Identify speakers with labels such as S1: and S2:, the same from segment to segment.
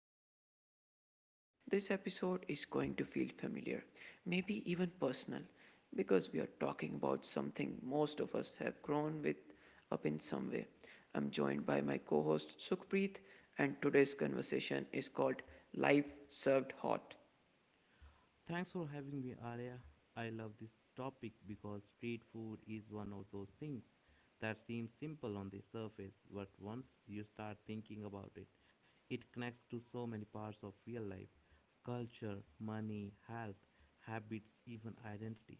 S1: really glad you're here today. This episode is going to feel familiar, maybe even personal, because we are talking about something most of us have grown with up in some way. I'm joined by my co host Sukhpreet, and today's conversation is called Life Served Hot.
S2: Thanks for having me, Arya. I love this topic because street food is one of those things that seems simple on the surface, but once you start thinking about it, it connects to so many parts of real life culture, money, health, habits, even identity.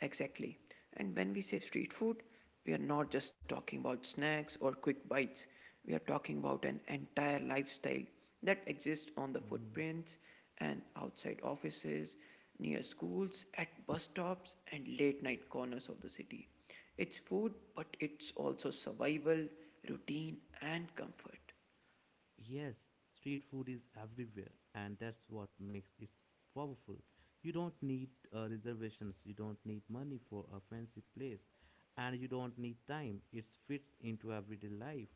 S1: Exactly. And when we say street food, we are not just talking about snacks or quick bites. We are talking about an entire lifestyle that exists on the
S2: Mm.
S1: footprints and outside offices, near schools, at bus stops, and late night corners of the city. It's food, but it's also survival, routine, and comfort.
S2: Yes, street food is everywhere, and that's what makes it powerful. You don't need reservations, you don't need money for a fancy place, and you don't need time. It fits into everyday life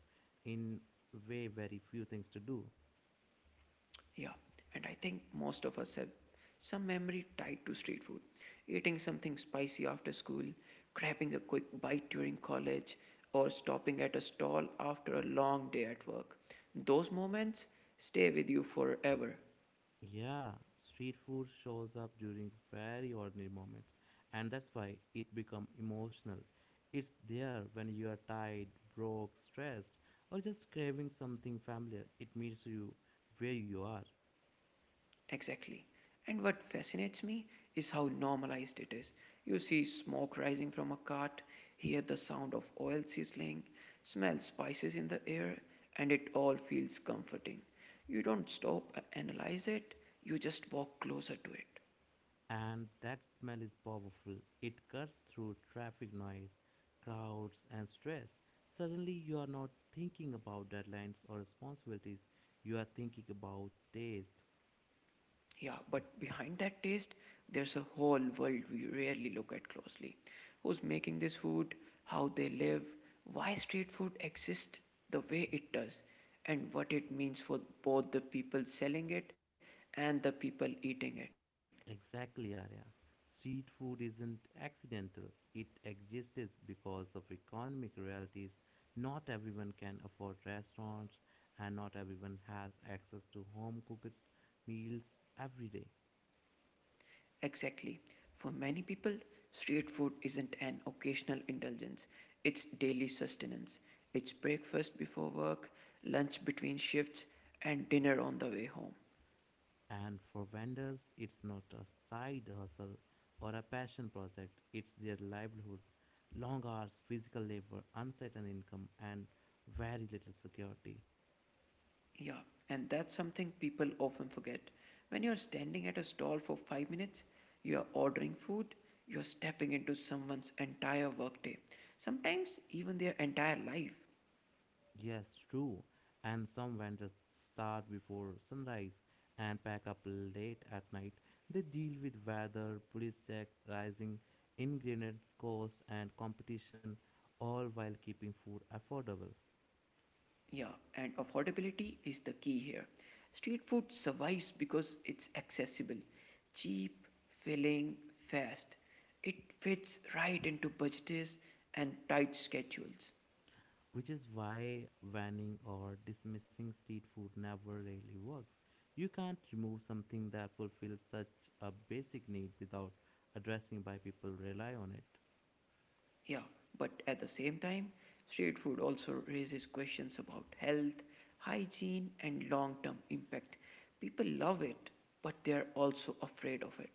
S2: in way very few things to do.
S1: Yeah, and I think most of us have some memory tied to street food. Eating something spicy after school, grabbing a quick bite during college, or stopping at a stall after a long day at work. Those moments stay with you forever.
S2: Yeah, street food shows up during very ordinary moments, and that's why it become emotional. It's there when you are tired, broke, stressed, or just craving something familiar. It meets you where you are,
S1: Exactly. And what fascinates me is how normalized it is. You see smoke rising from a cart, hear the sound of oil sizzling, smell spices in the air, and it all feels comforting. You don't stop, analyze it, you just walk closer to it.
S2: and that smell is powerful. It cuts through traffic noise, crowds, and stress. Suddenly, you are not thinking about deadlines or responsibilities. You are thinking about taste.
S1: Yeah, but behind that taste, there's a whole world we rarely look at closely. Who's making this food, how they live, why street food exists the way it does, and what it means for both the people selling it and the people eating it.
S2: Exactly, Arya. Street food isn't accidental. It exists because of economic realities. Not everyone can afford restaurants, and not everyone has access to home cooked meals every day.
S1: Exactly. For many people, street food isn't an occasional indulgence, it's daily sustenance. It's breakfast before work, lunch between shifts, and dinner on the way home.
S2: And for vendors, it's not a side hustle or a passion project, it's their livelihood. Long hours, physical labor, uncertain income, and very little security.
S1: Yeah, and that's something people often forget. When you're standing at a stall for five minutes, you're ordering food, you're stepping into someone's entire workday, sometimes even their entire life.
S2: Yes, true. And some vendors start before sunrise and pack up late at night. They deal with weather, police check, rising ingredients cost, and competition, all while keeping food affordable.
S1: Yeah, and affordability is the key here. Street food survives because it's accessible, cheap, filling, fast. It fits right into budgets and tight schedules.
S2: Which is why banning or dismissing street food never really works. You can't remove something that fulfills such a basic need without addressing why people rely on it.
S1: Yeah, but at the same time, street food also raises questions about health, hygiene, and long term impact. People love it, but they're also afraid of it.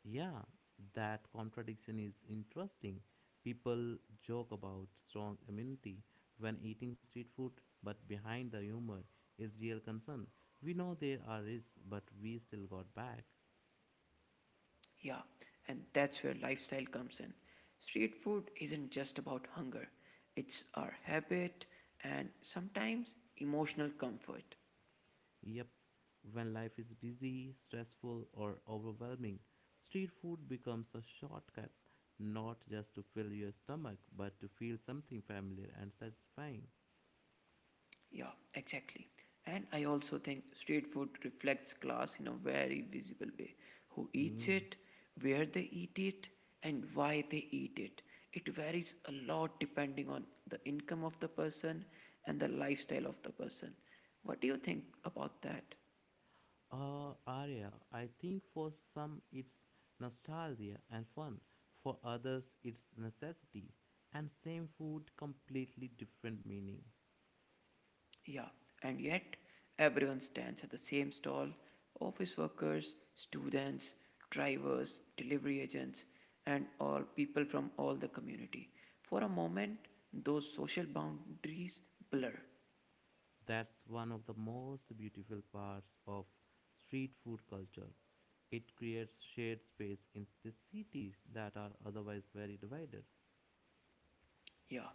S2: Yeah, that contradiction is interesting. People joke about strong immunity when eating street food, but behind the humor is real concern. We know there are risks, but we still got back.
S1: Yeah, and that's where lifestyle comes in. Street food isn't just about hunger, it's our habit and sometimes emotional comfort.
S2: Yep, when life is busy, stressful, or overwhelming, street food becomes a shortcut, not just to fill your stomach, but to feel something familiar and satisfying.
S1: Yeah, exactly. And I also think street food reflects class in a very visible way. Who eats
S2: Hmm.
S1: it, where they eat it, and why they eat it. It varies a lot depending on the income of the person and the lifestyle of the person. What do you think about that?
S2: Area. I think for some it's nostalgia and fun, for others it's necessity, and same food completely different meaning.
S1: Yeah, and yet everyone stands at the same stall office workers, students, drivers, delivery agents, and all people from all the community. For a moment, those social boundaries blur.
S2: That's one of the most beautiful parts of street food culture. It creates shared space in the cities that are otherwise very divided.
S1: Yeah,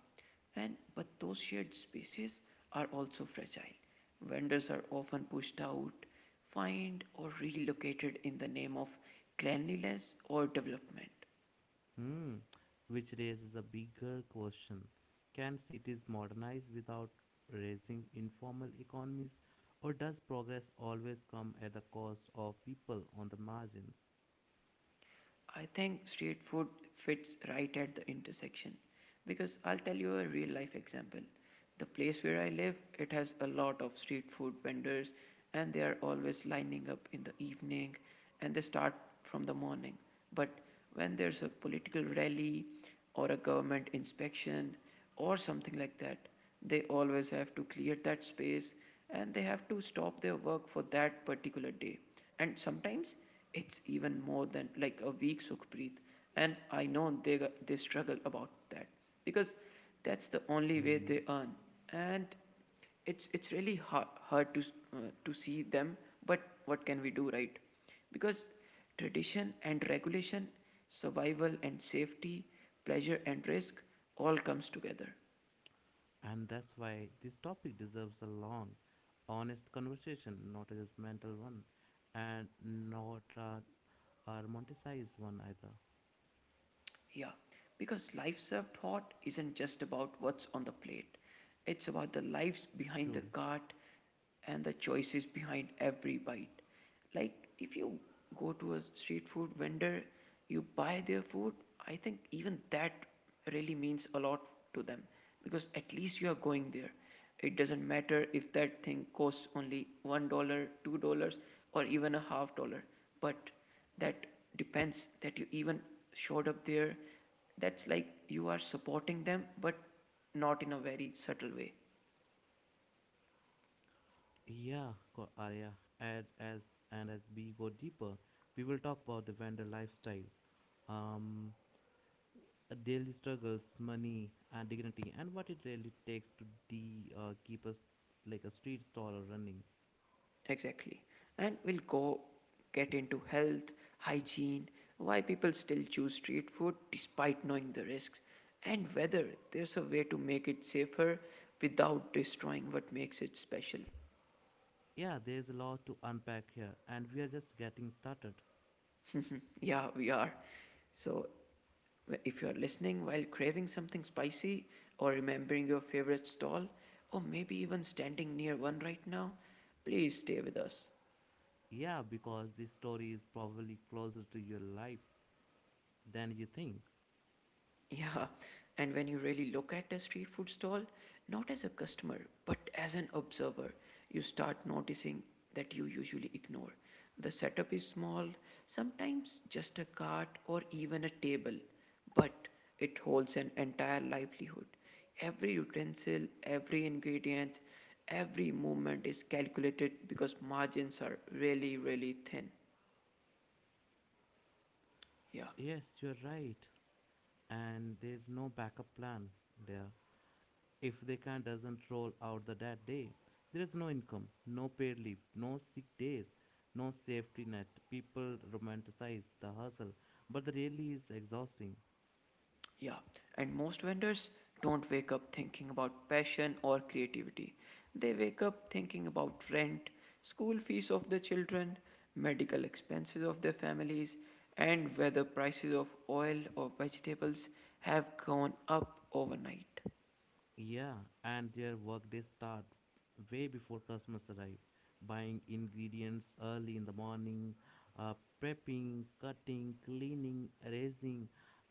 S1: and but those shared spaces are also fragile. Vendors are often pushed out, fined, or relocated in the name of cleanliness or development.
S2: Hmm, which raises a bigger question. Can cities modernize without raising informal economies, or does progress always come at the cost of people on the margins?
S1: I think street food fits right at the intersection because I'll tell you a real life example. The place where I live, it has a lot of street food vendors and they are always lining up in the evening and they start from the morning. But when there's a political rally or a government inspection or something like that. They always have to clear that space and they have to stop their work for that particular day. And sometimes it's even more than like a week, Sukhpreet. And I know they struggle about that because that's the only way
S2: Hmm.
S1: they earn. And it's really hard to see them but what can we do, right? Because tradition and regulation, survival and safety, pleasure and risk all comes together.
S2: And that's why this topic deserves a long, honest conversation, not a judgmental one, and not a romanticized one either.
S1: Yeah, because life served hot isn't just about what's on the plate, it's about the lives behind the
S2: True.
S1: cart and the choices behind every bite. Like, if you go to a street food vendor, you buy their food, I think even that really means a lot to them because at least you are going there. It doesn't matter if that thing costs only $1, $2, or even a half dollar, but that depends that you even showed up there. That's like you are supporting them, but not in a very subtle way.
S2: Yeah, co- Arya. And as we go deeper, we will talk about the vendor lifestyle, um, daily struggles, money, and dignity, and what it really takes to keep us like a street stall running.
S1: Exactly. And we'll go get into health, hygiene, why people still choose street food despite knowing the risks, and whether there's a way to make it safer without destroying what makes it special.
S2: Yeah, there's a lot to unpack here, and we are just getting started.
S1: Yeah, we are. So if you're listening while craving something spicy, or remembering your favorite stall, or maybe even standing near one right now, please stay with us.
S2: Yeah, because this story is probably closer to your life than you think.
S1: Yeah, and when you really look at a street food stall, not as a customer, but as an observer, you start noticing that you usually ignore. The setup is small, sometimes just a cart or even a table, but it holds an entire livelihood. Every utensil, every ingredient, every movement is calculated because margins are really, really thin. Yeah.
S2: Yes, you're right. And there's no backup plan there. If the can doesn't roll out the that day, there is no income, no paid leave, no sick days, no safety net. People romanticize the hustle, but the really is exhausting.
S1: Yeah, and most vendors don't wake up thinking about passion or creativity. They wake up thinking about rent, school fees of the children, medical expenses of their families, and whether prices of oil or vegetables have gone up overnight.
S2: Yeah, and their workday start way before customers arrive, buying ingredients early in the morning, uh, prepping, cutting, cleaning, arranging.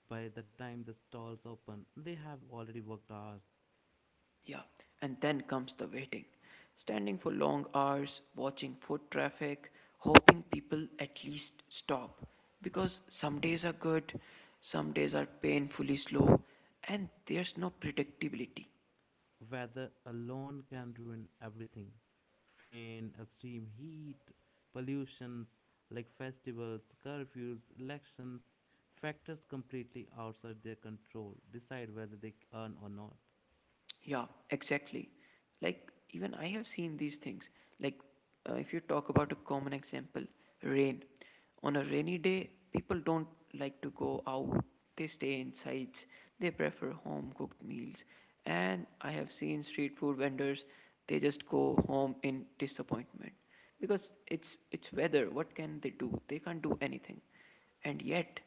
S2: By the time the stalls open, they have already worked hours.
S1: Yeah, and then comes the waiting. Standing for long hours, watching foot traffic, hoping people at least stop. Because some days are good, some days are painfully slow, and there's no predictability.
S2: Weather alone can ruin everything rain, extreme heat, pollutions like festivals, curfews, elections, factors completely outside their control decide whether they earn or not.
S1: Yeah, exactly. Like, even I have seen these things. Like, if you talk about a common example, rain. On a rainy day, people don't like to go out, they stay inside, they prefer home cooked meals. And I have seen street food vendors, they just go home in disappointment because it's weather, what can they do, they can't do anything. And yet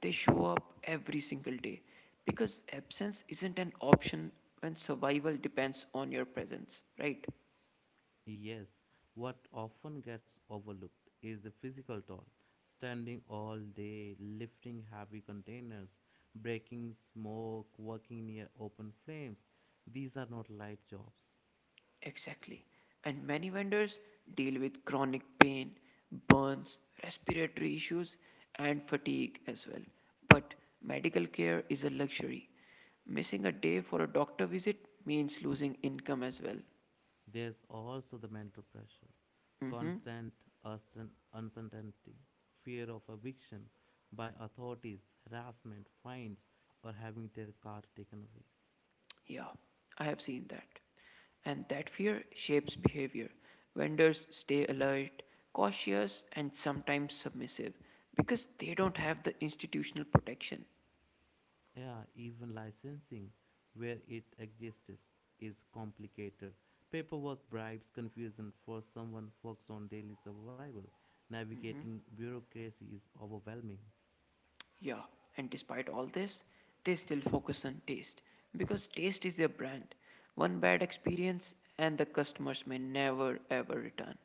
S1: they show up every single day because absence isn't an option when survival depends on your presence, right?
S2: Yes, what often gets overlooked is the physical toll. Standing all day, lifting heavy containers, breaking smoke, working near open flames. These are not light jobs.
S1: Exactly. And many vendors deal with chronic pain, burns, respiratory issues, and fatigue as well. But medical care is a luxury. Missing a day for a doctor visit means losing income as well.
S2: There's also the mental pressure, constant uncer- uncertainty, fear of eviction by authorities, harassment, fines, or having their car taken away.
S1: Yeah, I have seen that. And that fear shapes behavior. Vendors stay alert, cautious, and sometimes submissive because they don't have the institutional protection.
S2: Yeah, even licensing, where it exists, is complicated. Paperwork, bribes, confusion for someone focused on daily survival. Navigating bureaucracy is overwhelming.
S1: Yeah, and despite all this, they still focus on taste because taste is their brand. One bad experience, and the customers may never ever return.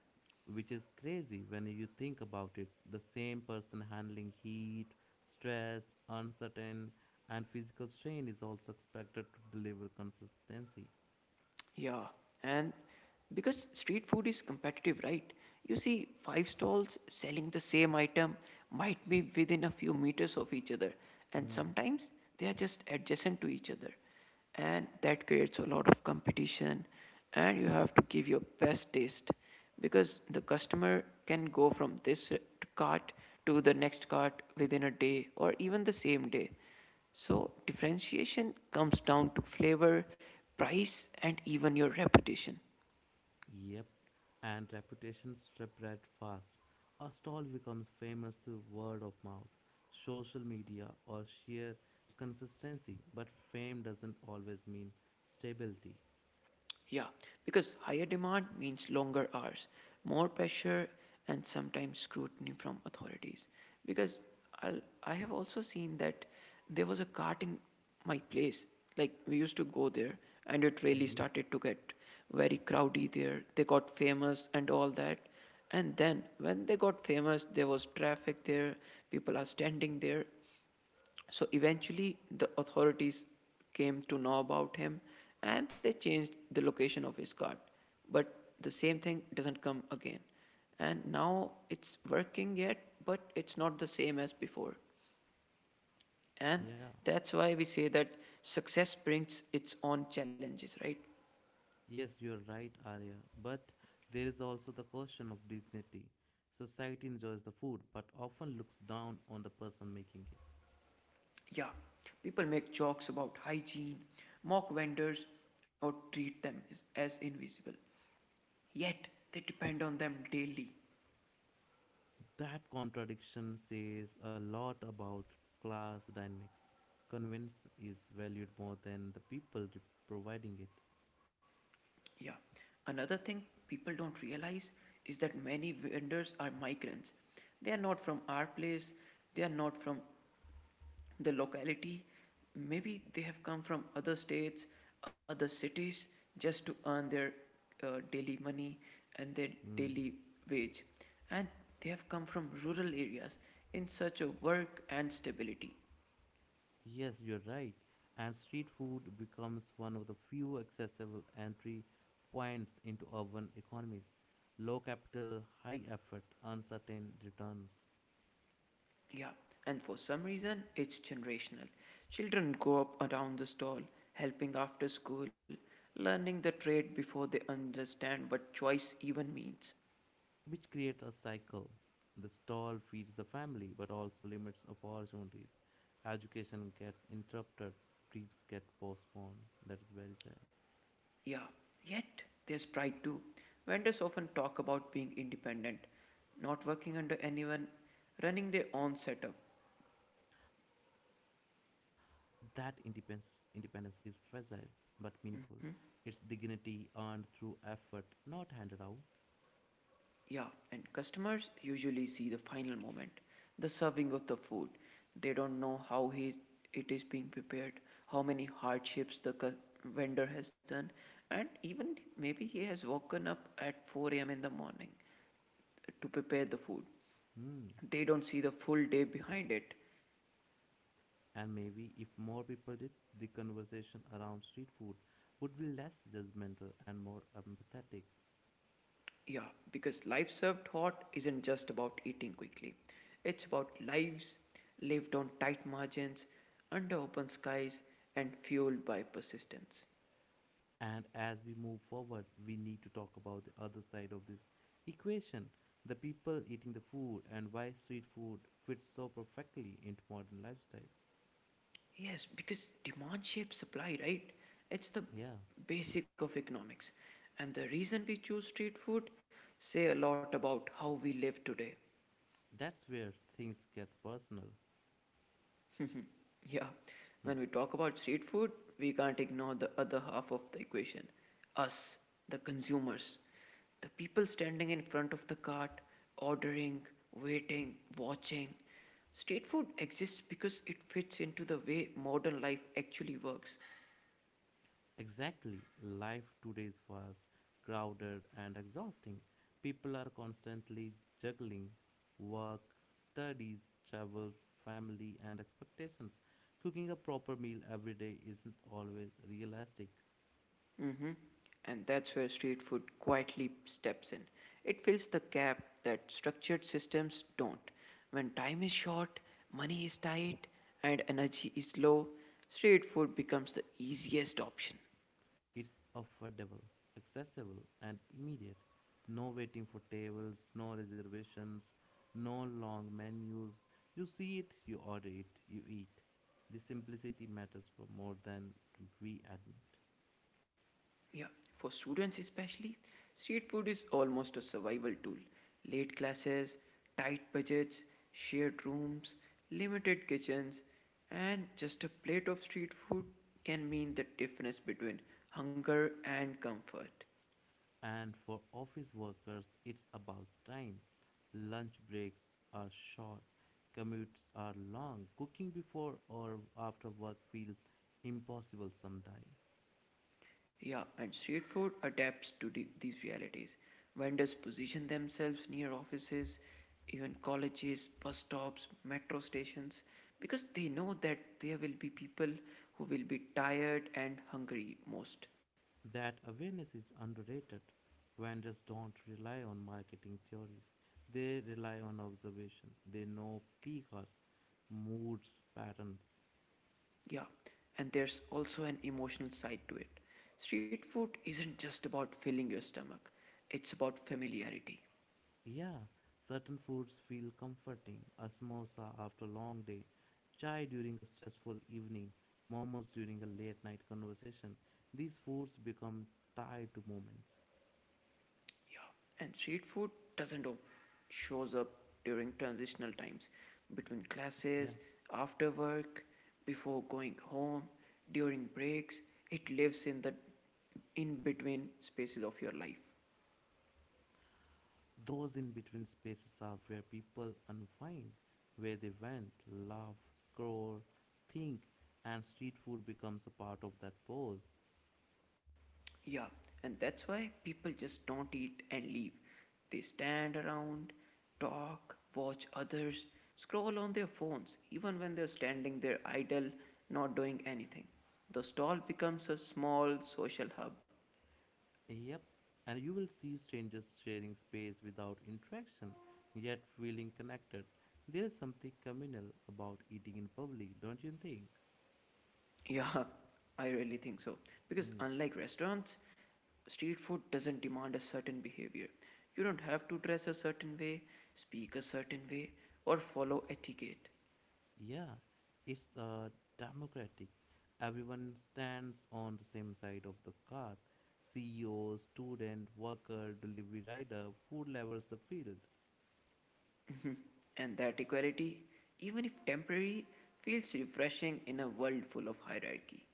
S2: Which is crazy when you think about it. The same person handling heat, stress, uncertain, and physical strain is also expected to deliver consistency.
S1: Yeah, and because street food is competitive, right? You see, five stalls selling the same item might be within a few meters of each other, and
S2: Hmm.
S1: sometimes they are just adjacent to each other. And that creates a lot of competition, and you have to give your best taste because the customer can go from this cart to the next cart within a day or even the same day. So, differentiation comes down to flavor, price, and even your reputation.
S2: Yep. And reputation spread fast. A stall becomes famous through word of mouth, social media, or sheer consistency. But fame doesn't always mean stability.
S1: Yeah, because higher demand means longer hours, more pressure, and sometimes scrutiny from authorities. Because I have also seen that there was a cart in my place. Like, we used to go there, and it really
S2: Hmm.
S1: started to get very crowdy there. They got famous and all that. And then when they got famous, there was traffic there, people are standing there. So eventually, the authorities came to know about him and they changed the location of his card. But the same thing doesn't come again. And now it's working yet, but it's not the same as before. And
S2: Yeah.
S1: that's why we say that success brings its own challenges, right?
S2: Yes, you're right, Arya. But there is also the question of dignity. Society enjoys the food, but often looks down on the person making it.
S1: Yeah, people make jokes about hygiene, mock vendors, or treat them as invisible. Yet they depend on them daily.
S2: That contradiction says a lot about class dynamics. Convenience is valued more than the people providing it.
S1: Yeah. Another thing people don't realize is that many vendors are migrants. They are not from our place, they are not from the locality. Maybe they have come from other states, other cities just to earn their daily money and their
S2: Mm.
S1: daily wage. And they have come from rural areas in search of work and stability.
S2: Yes, you're right. And street food becomes one of the few accessible entry points into urban economies. Low capital, high effort, uncertain returns.
S1: Yeah, and for some reason, it's generational. Children grow up around the stall, helping after school, learning the trade before they understand what choice even means.
S2: Which creates a cycle. The stall feeds the family but also limits opportunities. Education gets interrupted, dreams get postponed. That is very sad.
S1: Yeah, yet there's pride too. Vendors often talk about being independent, not working under anyone, running their own setup.
S2: That independence, independence is fragile but meaningful. Its dignity earned through effort, not handed out.
S1: Yeah, and customers usually see the final moment, the serving of the food. They don't know how it is being prepared, how many hardships the vendor has done, and even maybe he has woken up at 4 a.m. in the morning to prepare the food.
S2: Hmm.
S1: They don't see the full day behind it.
S2: And maybe if more people did, the conversation around street food would be less judgmental and more empathetic.
S1: Yeah, because life served hot isn't just about eating quickly, it's about lives lived on tight margins, under open skies, and fueled by persistence.
S2: And as we move forward, we need to talk about the other side of this equation the people eating the food and why street food fits so perfectly into modern lifestyles.
S1: Yes, because demand shapes supply, right? It's the
S2: Yeah,
S1: basic of economics. And the reason we choose street food say a lot about how we live today.
S2: that's where things get personal.
S1: Yeah,
S2: Hmm.
S1: when we talk about street food, we can't ignore the other half of the equation us, the consumers. The people standing in front of the cart, ordering, waiting, watching. Street food exists because it fits into the way modern life actually works.
S2: Exactly. Life today is fast, crowded, and exhausting. People are constantly juggling work, studies, travel, family, and expectations. Cooking a proper meal every day isn't always realistic.
S1: Mhm. And that's where street food quietly steps in. It fills the gap that structured systems don't. When time is short, money is tight, and energy is low, street food becomes the easiest option.
S2: It's affordable, accessible, and immediate. No waiting for tables, no reservations, no long menus. You see it, you order it, you eat. The simplicity matters for more than we admit.
S1: Yeah, for students especially, street food is almost a survival tool. Late classes, tight budgets, shared rooms, limited kitchens, and just a plate of street food can mean the difference between hunger and comfort.
S2: And for office workers, it's about time. Lunch breaks are short, commutes are long, cooking before or after work feels impossible someday.
S1: Yeah, and street food adapts to these realities. Vendors position themselves near offices, even colleges, bus stops, metro stations, because they know that there will be people who will be tired and hungry most.
S2: That awareness is underrated. Vendors don't rely on marketing theories, they rely on observation. They know peak moods, patterns.
S1: Yeah, and there's also an emotional side to it. Street food isn't just about filling your stomach, it's about familiarity.
S2: Yeah, certain foods feel comforting a samosa after a long day, chai during a stressful evening, momos during a late night conversation. These foods become tied to moments.
S1: Yeah, and street food doesn't op- shows up during transitional times between
S2: Yeah.
S1: classes, after work, before going home, during breaks. It lives in the in between spaces of your life.
S2: Those in between spaces are where people unwind, where they vent, laugh, scroll, think, and street food becomes a part of that pause.
S1: Yeah, and that's why people just don't eat and leave. They stand around, talk, watch others, scroll on their phones, even when they're standing there idle, not doing anything. The stall becomes a small social hub.
S2: Yep, and you will see strangers sharing space without interaction, yet feeling connected. There is something communal about eating in public, don't you think?
S1: Yeah, I really think so. Because
S2: Hmm.
S1: unlike restaurants, street food doesn't demand a certain behavior. You don't have to dress a certain way, speak a certain way, or follow etiquette.
S2: Yeah, it's democratic. Everyone stands on the same side of the card. CEO, student, worker, delivery rider, food levels the field.
S1: And that equality, even if temporary, feels refreshing in a world full of hierarchy.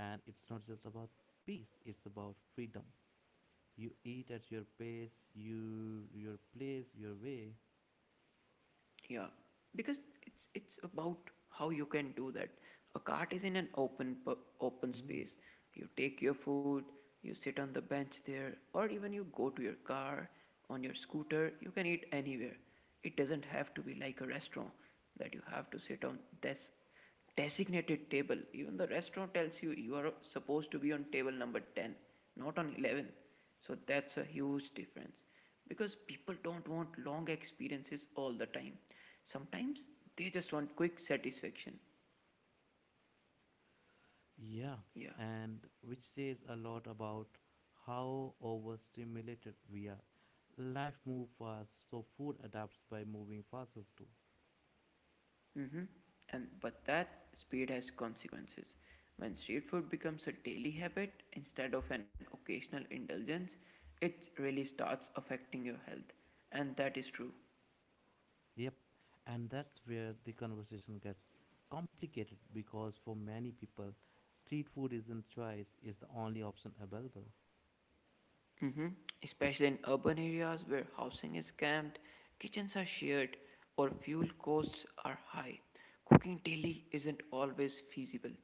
S2: And it's not just about peace, it's about freedom. You eat at your pace, you your place, your way.
S1: Yeah, because it's about how you can do that. A cart is in an open
S2: Mm.
S1: space. You take your food, you sit on the bench there, or even you go to your car on your scooter. You can eat anywhere. It doesn't have to be like a restaurant that you have to sit on this designated table. Even the restaurant tells you you are supposed to be on table number 10, not on 11. So that's a huge difference because people don't want long experiences all the time. Sometimes they just want quick satisfaction.
S2: Yeah,
S1: Yeah.
S2: and which says a lot about how overstimulated we are. Life moves fast, so food adapts by moving fastest too.
S1: Mm-hmm. And but that speed has consequences. When street food becomes a daily habit instead of an occasional indulgence, it really starts affecting your health. And that is true.
S2: Yep, and that's where the conversation gets complicated because for many people, street food isn't choice, it's the only option available.
S1: Hmm. Especially in urban areas where housing is cramped, kitchens are shared, or fuel costs are high. Cooking daily isn't always feasible.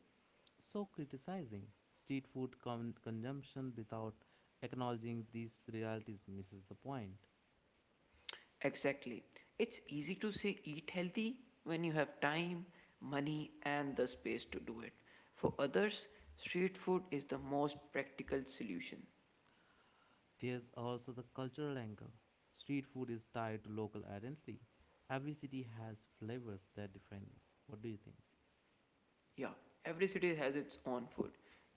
S2: So, criticizing street food consumption without acknowledging these realities misses the point.
S1: Exactly. It's easy to say eat healthy when you have time, money, and the space to do it. For others, street food is the most practical solution.
S2: There's also the cultural angle. Street food is tied to local identity, every city has flavors that define it. What do you think?
S1: Yeah, every city has its own food.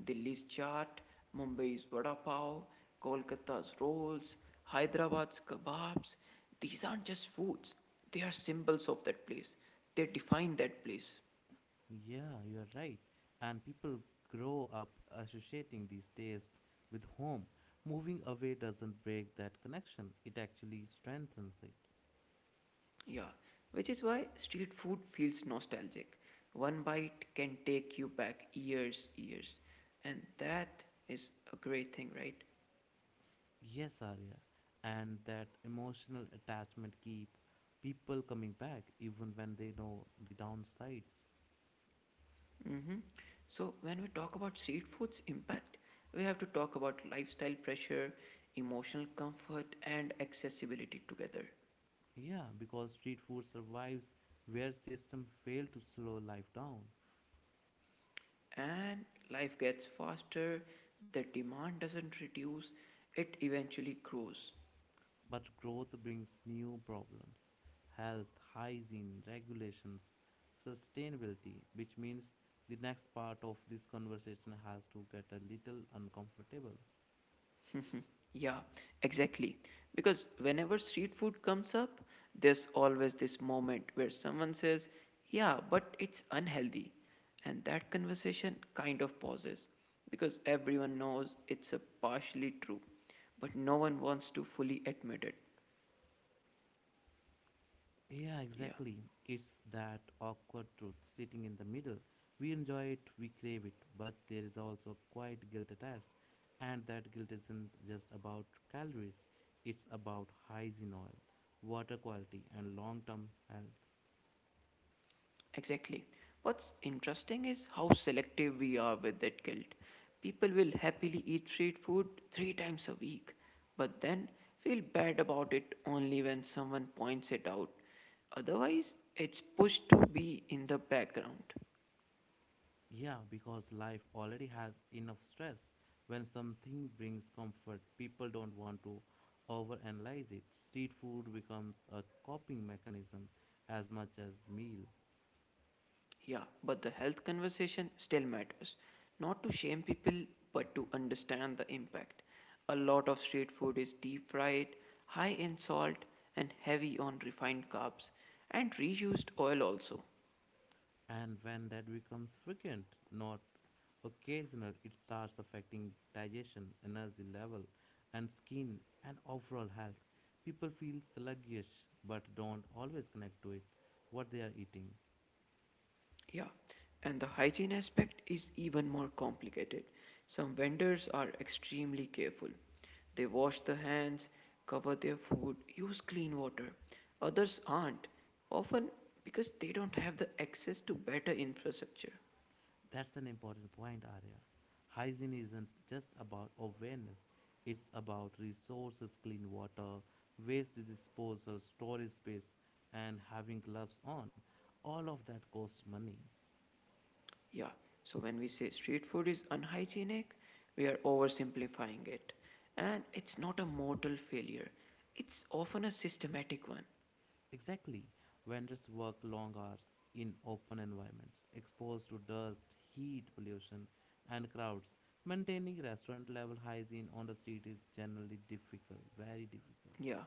S1: Delhi's chaat, Mumbai's vada pav, Kolkata's rolls, Hyderabad's kebabs. These aren't just foods, they are symbols of that place. They define that place.
S2: Yeah, you are right. And people grow up associating these tastes with home. Moving away doesn't break that connection, it actually strengthens it.
S1: Yeah, which is why street food feels nostalgic. One bite can take you back years. And that is a great thing, right?
S2: Yes, Arya. And that emotional attachment keep people coming back even when they know the downsides.
S1: Hmm. So, when we talk about street food's impact, we have to talk about lifestyle pressure, emotional comfort, and accessibility together.
S2: Yeah, because street food survives where system fail to slow life down.
S1: And life gets faster, the demand doesn't reduce, it eventually grows.
S2: But growth brings new problems health, hygiene, regulations, sustainability, which means the next part of this conversation has to get a little uncomfortable.
S1: Yeah, exactly. Because whenever street food comes up, there's always this moment where someone says, "Yeah, but it's unhealthy." And that conversation kind of pauses because everyone knows it's a partially true, but no one wants to fully admit it.
S2: Yeah,
S1: Yeah.
S2: exactly. It's that awkward truth sitting in the middle. We enjoy it, we crave it, but there is also quite guilt attached. And that guilt isn't just about calories, it's about hygiene oil, water quality, and long term health.
S1: Exactly. What's interesting is how selective we are with that guilt. People will happily eat street food three times a week, but then feel bad about it only when someone points it out. Otherwise, it's pushed to be in the background.
S2: Yeah, because life already has enough stress. When something brings comfort, people don't want to overanalyze it. Street food becomes a coping mechanism as much as meal.
S1: Yeah, but the health conversation still matters. Not to shame people, but to understand the impact. A lot of street food is deep fried, high in salt, and heavy on refined carbs, and reused oil also.
S2: And when that becomes frequent, not occasional, it starts affecting digestion, energy level, and skin and overall health. People feel sluggish but don't always connect to it, what they are eating.
S1: Yeah, and the hygiene aspect is even more complicated. Some vendors are extremely careful. They wash the hands, cover their food, use clean water. Others aren't, often because they don't have the access to better infrastructure.
S2: That's an important point, Arya. Hygiene isn't just about awareness, it's about resources, clean water, waste disposal, storage space, and having gloves on. All of that costs money.
S1: Yeah, so when we say street food is unhygienic, we are oversimplifying it. And it's not a mortal failure, it's often a systematic one.
S2: Exactly. Vendors work long hours in open environments, exposed to dust, heat, pollution, and crowds. Maintaining restaurant level hygiene on the street is generally difficult, very difficult.
S1: Yeah.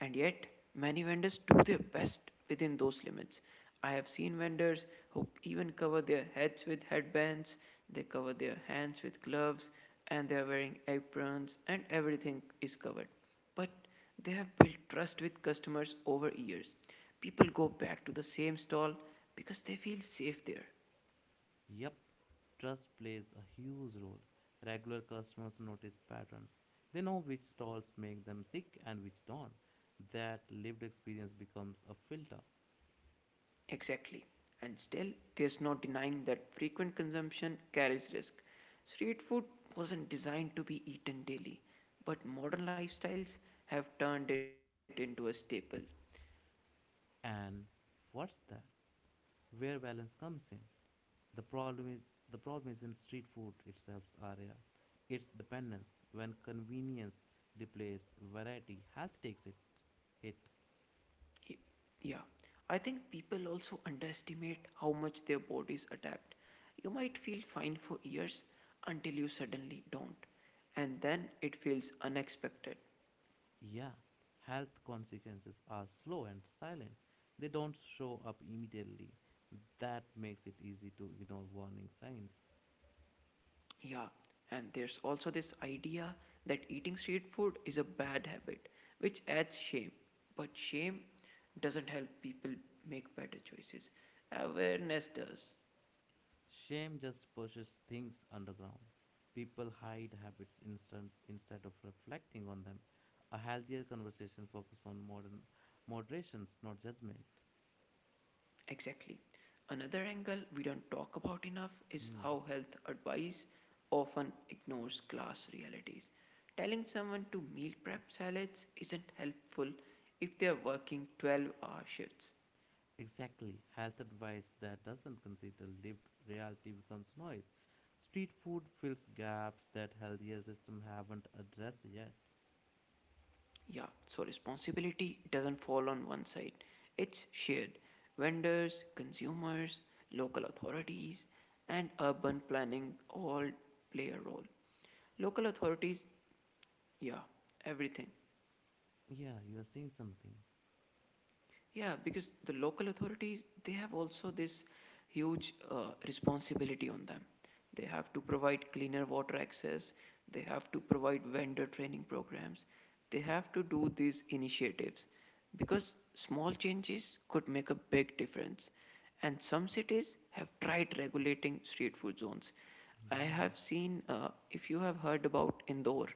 S1: And yet, many vendors do their best within those limits. I have seen vendors who even cover their heads with headbands, they cover their hands with gloves, and they are wearing aprons, and everything is covered. But they have built trust with customers over years. People go back to the same stall because they feel safe there.
S2: Yep, trust plays a huge role. Regular customers notice patterns. They know which stalls make them sick and which don't. That lived experience becomes a filter.
S1: Exactly. And still, there's no denying that frequent consumption carries risk. Street food wasn't designed to be eaten daily, but modern lifestyles have turned it into a staple.
S2: And what's that? Where balance comes in. The problem is the problem isn't street food itself, Arya. It's dependence. When convenience replaces variety, health takes it hit.
S1: Y- Yeah, I think people also underestimate how much their bodies adapt. You might feel fine for years until you suddenly don't, and then it feels unexpected.
S2: Yeah, health consequences are slow and silent. They don't show up immediately. That makes it easy to ignore warning signs.
S1: Yeah, and there's also this idea that eating street food is a bad habit, which adds shame. But shame doesn't help people make better choices. Awareness does.
S2: Shame just pushes things underground. People hide habits instant, instead of reflecting on them. A healthier conversation focuses on modern moderations, not judgment.
S1: Exactly. Another angle we don't talk about enough is
S2: Hmm.
S1: how health advice often ignores class realities. Telling someone to meal prep salads isn't helpful if they're working 12-hour hour shifts.
S2: Exactly. Health advice that doesn't consider lived reality becomes noise. Street food fills gaps that healthier system haven't addressed yet.
S1: Yeah, so responsibility doesn't fall on one side, it's shared. Vendors, consumers, local authorities, and urban planning all play a role. Local authorities, yeah, everything.
S2: Yeah, you are seeing something.
S1: Yeah, because the local authorities, they have also this huge responsibility on them. They have to provide cleaner water access, they have to provide vendor training programs, they have to do these initiatives because small changes could make a big difference. And some cities have tried regulating street food zones. I
S2: Yeah.
S1: have seen, if you have heard about Indore,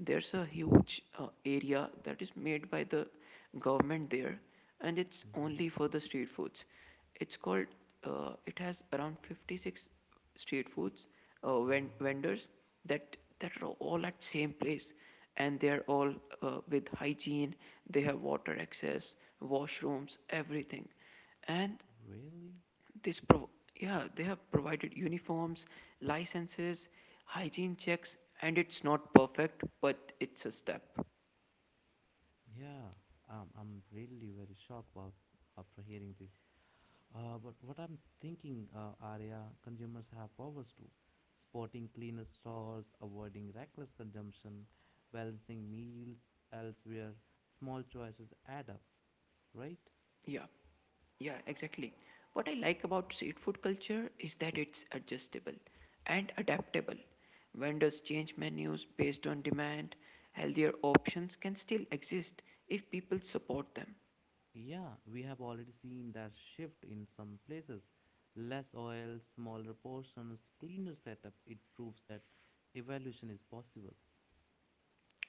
S1: there's a huge area that is made by the government there, and it's
S2: Mhm.
S1: only for the street foods. It's called, it has around 56 street foods
S2: Wow.
S1: vendors that, that are all at same place and they are all with hygiene, they have water access, washrooms, everything. And
S2: Really?
S1: this prov- yeah, they have provided uniforms, licenses, hygiene checks, and it's not perfect, but it's a step.
S2: Yeah. I'm really very shocked about after hearing this. But what I'm thinking, Arya, consumers have powers too. Spotting cleaner stalls, avoiding reckless consumption, balancing meals elsewhere, small choices add up, right?
S1: Yeah, yeah, exactly. What I like about street food culture is that it's adjustable and adaptable. Vendors change menus based on demand. Healthier options can still exist if people support them.
S2: Yeah, we have already seen that shift in some places. Less oil, smaller portions, cleaner setup. It proves that evaluation is possible.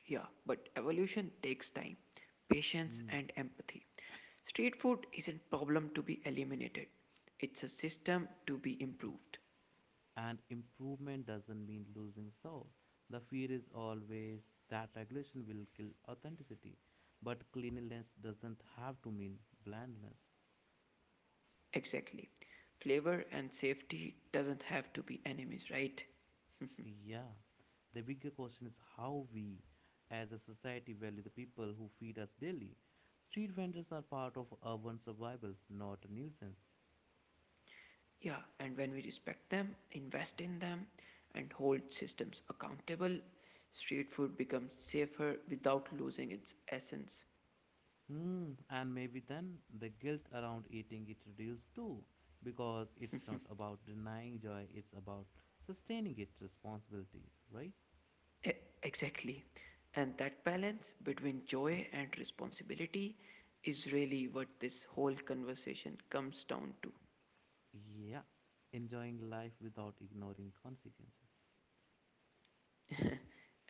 S1: Yeah, but evolution takes time, patience,
S2: Hmm.
S1: and empathy. Street food isn't a problem to be eliminated. It's a system to be improved.
S2: And improvement doesn't mean losing soul. The fear is always that regulation will kill authenticity. But cleanliness doesn't have to mean blandness.
S1: Exactly. Flavor and safety doesn't have to be enemies, right?
S2: Yeah. The bigger question is how we, as a society, value the people who feed us daily. Street vendors are part of urban survival, not a nuisance.
S1: Yeah, and when we respect them, invest in them, and hold systems accountable, street food becomes safer without losing its essence.
S2: Hmm, and maybe then the guilt around eating it reduced too, because it's not about denying joy, it's about sustaining its responsibility, right?
S1: E- Exactly. And that balance between joy and responsibility is really what this whole conversation comes down to.
S2: Yeah, enjoying life without ignoring consequences.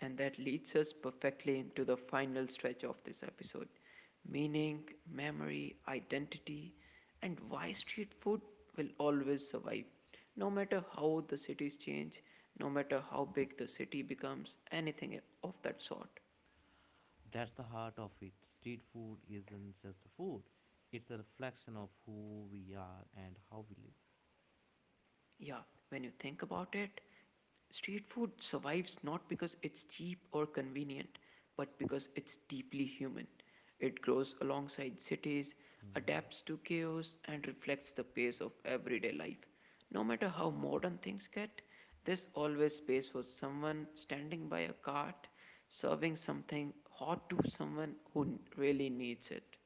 S1: And that leads us perfectly into the final stretch of this episode: meaning, memory, identity, and why street food will always survive. No matter how the cities change, no matter how big the city becomes, anything of that sort.
S2: That's the heart of it. Street food isn't just food, it's a reflection of who we are and how we live.
S1: Yeah, when you think about it, street food survives not because it's cheap or convenient, but because it's deeply human. It grows alongside cities,
S2: Hmm.
S1: adapts to chaos, and reflects the pace of everyday life. No matter how modern things get, there's always space for someone standing by a cart, serving something hot to someone who really needs it.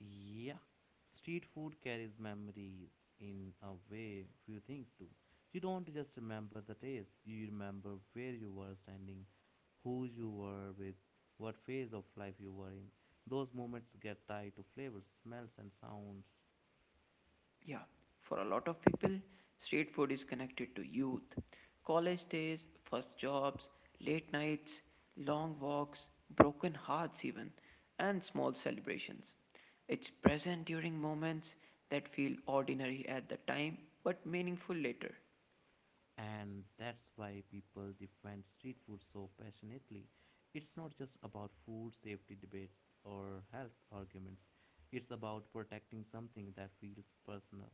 S2: Yeah, street food carries memories in a way few things do. You don't just remember the taste, you remember where you were standing, who you were with, what phase of life you were in. Those moments get tied to flavors, smells, and sounds.
S1: Yeah, for a lot of people, street food is connected to youth. College days, first jobs, late nights, long walks, broken hearts, even, and small celebrations.
S2: Mm.
S1: It's present during moments that feel ordinary at the time but meaningful later.
S2: And that's why people defend street food so passionately. It's not just about food safety debates or health arguments, it's about protecting something that feels personal.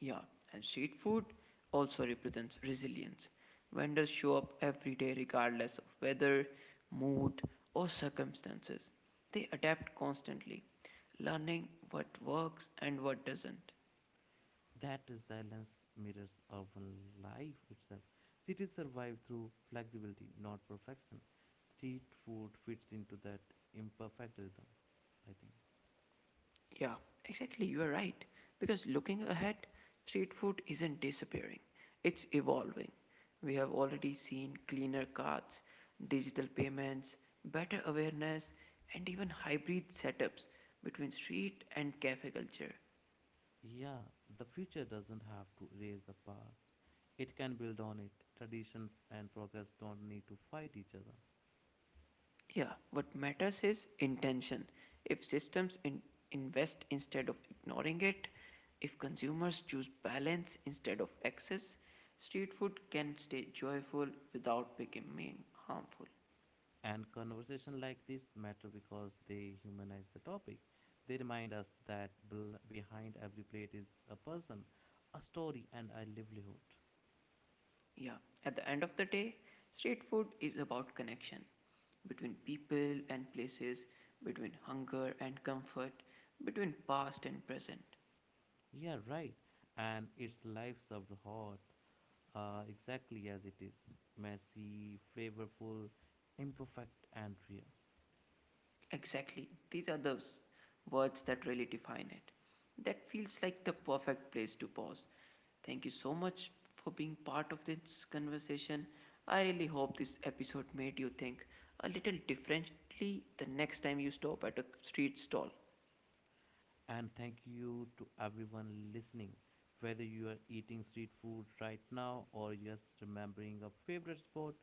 S1: Yeah, and street food also represents resilience. Vendors show up every day regardless of weather, mood, or circumstances. They adapt constantly, learning what works and what doesn't.
S2: That silence mirrors urban life itself. Cities survive through flexibility, not perfection. Street food fits into that imperfect rhythm, I think.
S1: Yeah, exactly. You are right. Because looking ahead, street food isn't disappearing, it's evolving. We have already seen cleaner carts, digital payments, better awareness, and even hybrid setups between street and cafe culture.
S2: Yeah, the future doesn't have to erase the past. It can build on it. Traditions and progress don't need to fight each other.
S1: Yeah, what matters is intention. If systems invest instead of ignoring it, if consumers choose balance instead of excess, street food can stay joyful without becoming harmful.
S2: And conversation like this matter because they humanize the topic. They remind us that behind every plate is a person, a story, and a livelihood.
S1: Yeah, at the end of the day, street food is about connection between people and places, between hunger and comfort, between past and present.
S2: Yeah, right. And it's life served hot, exactly as it is messy, flavorful, imperfect, and real.
S1: Exactly. These are those words that really define it. That feels like the perfect place to pause. Thank you so much for being part of this conversation. I really hope this episode made you think a little differently the next time you stop at a street stall.
S2: And thank you to everyone listening, whether you are eating street food right now or just remembering a favorite spot.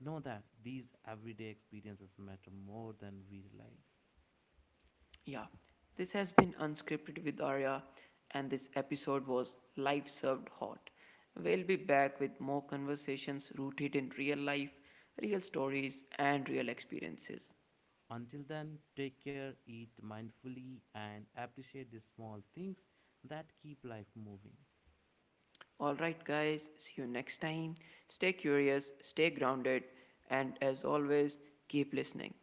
S2: Know that these everyday experiences matter more than we realize.
S1: Yeah, this has been Unscripted with Arya, and this episode was Life Served Hot. We'll be back with more conversations rooted in real life, real stories, and real experiences.
S2: Until then, take care, eat mindfully, and appreciate the small things that keep life moving.
S1: All right, guys, see you next time. Stay curious, stay grounded, and as always, keep listening.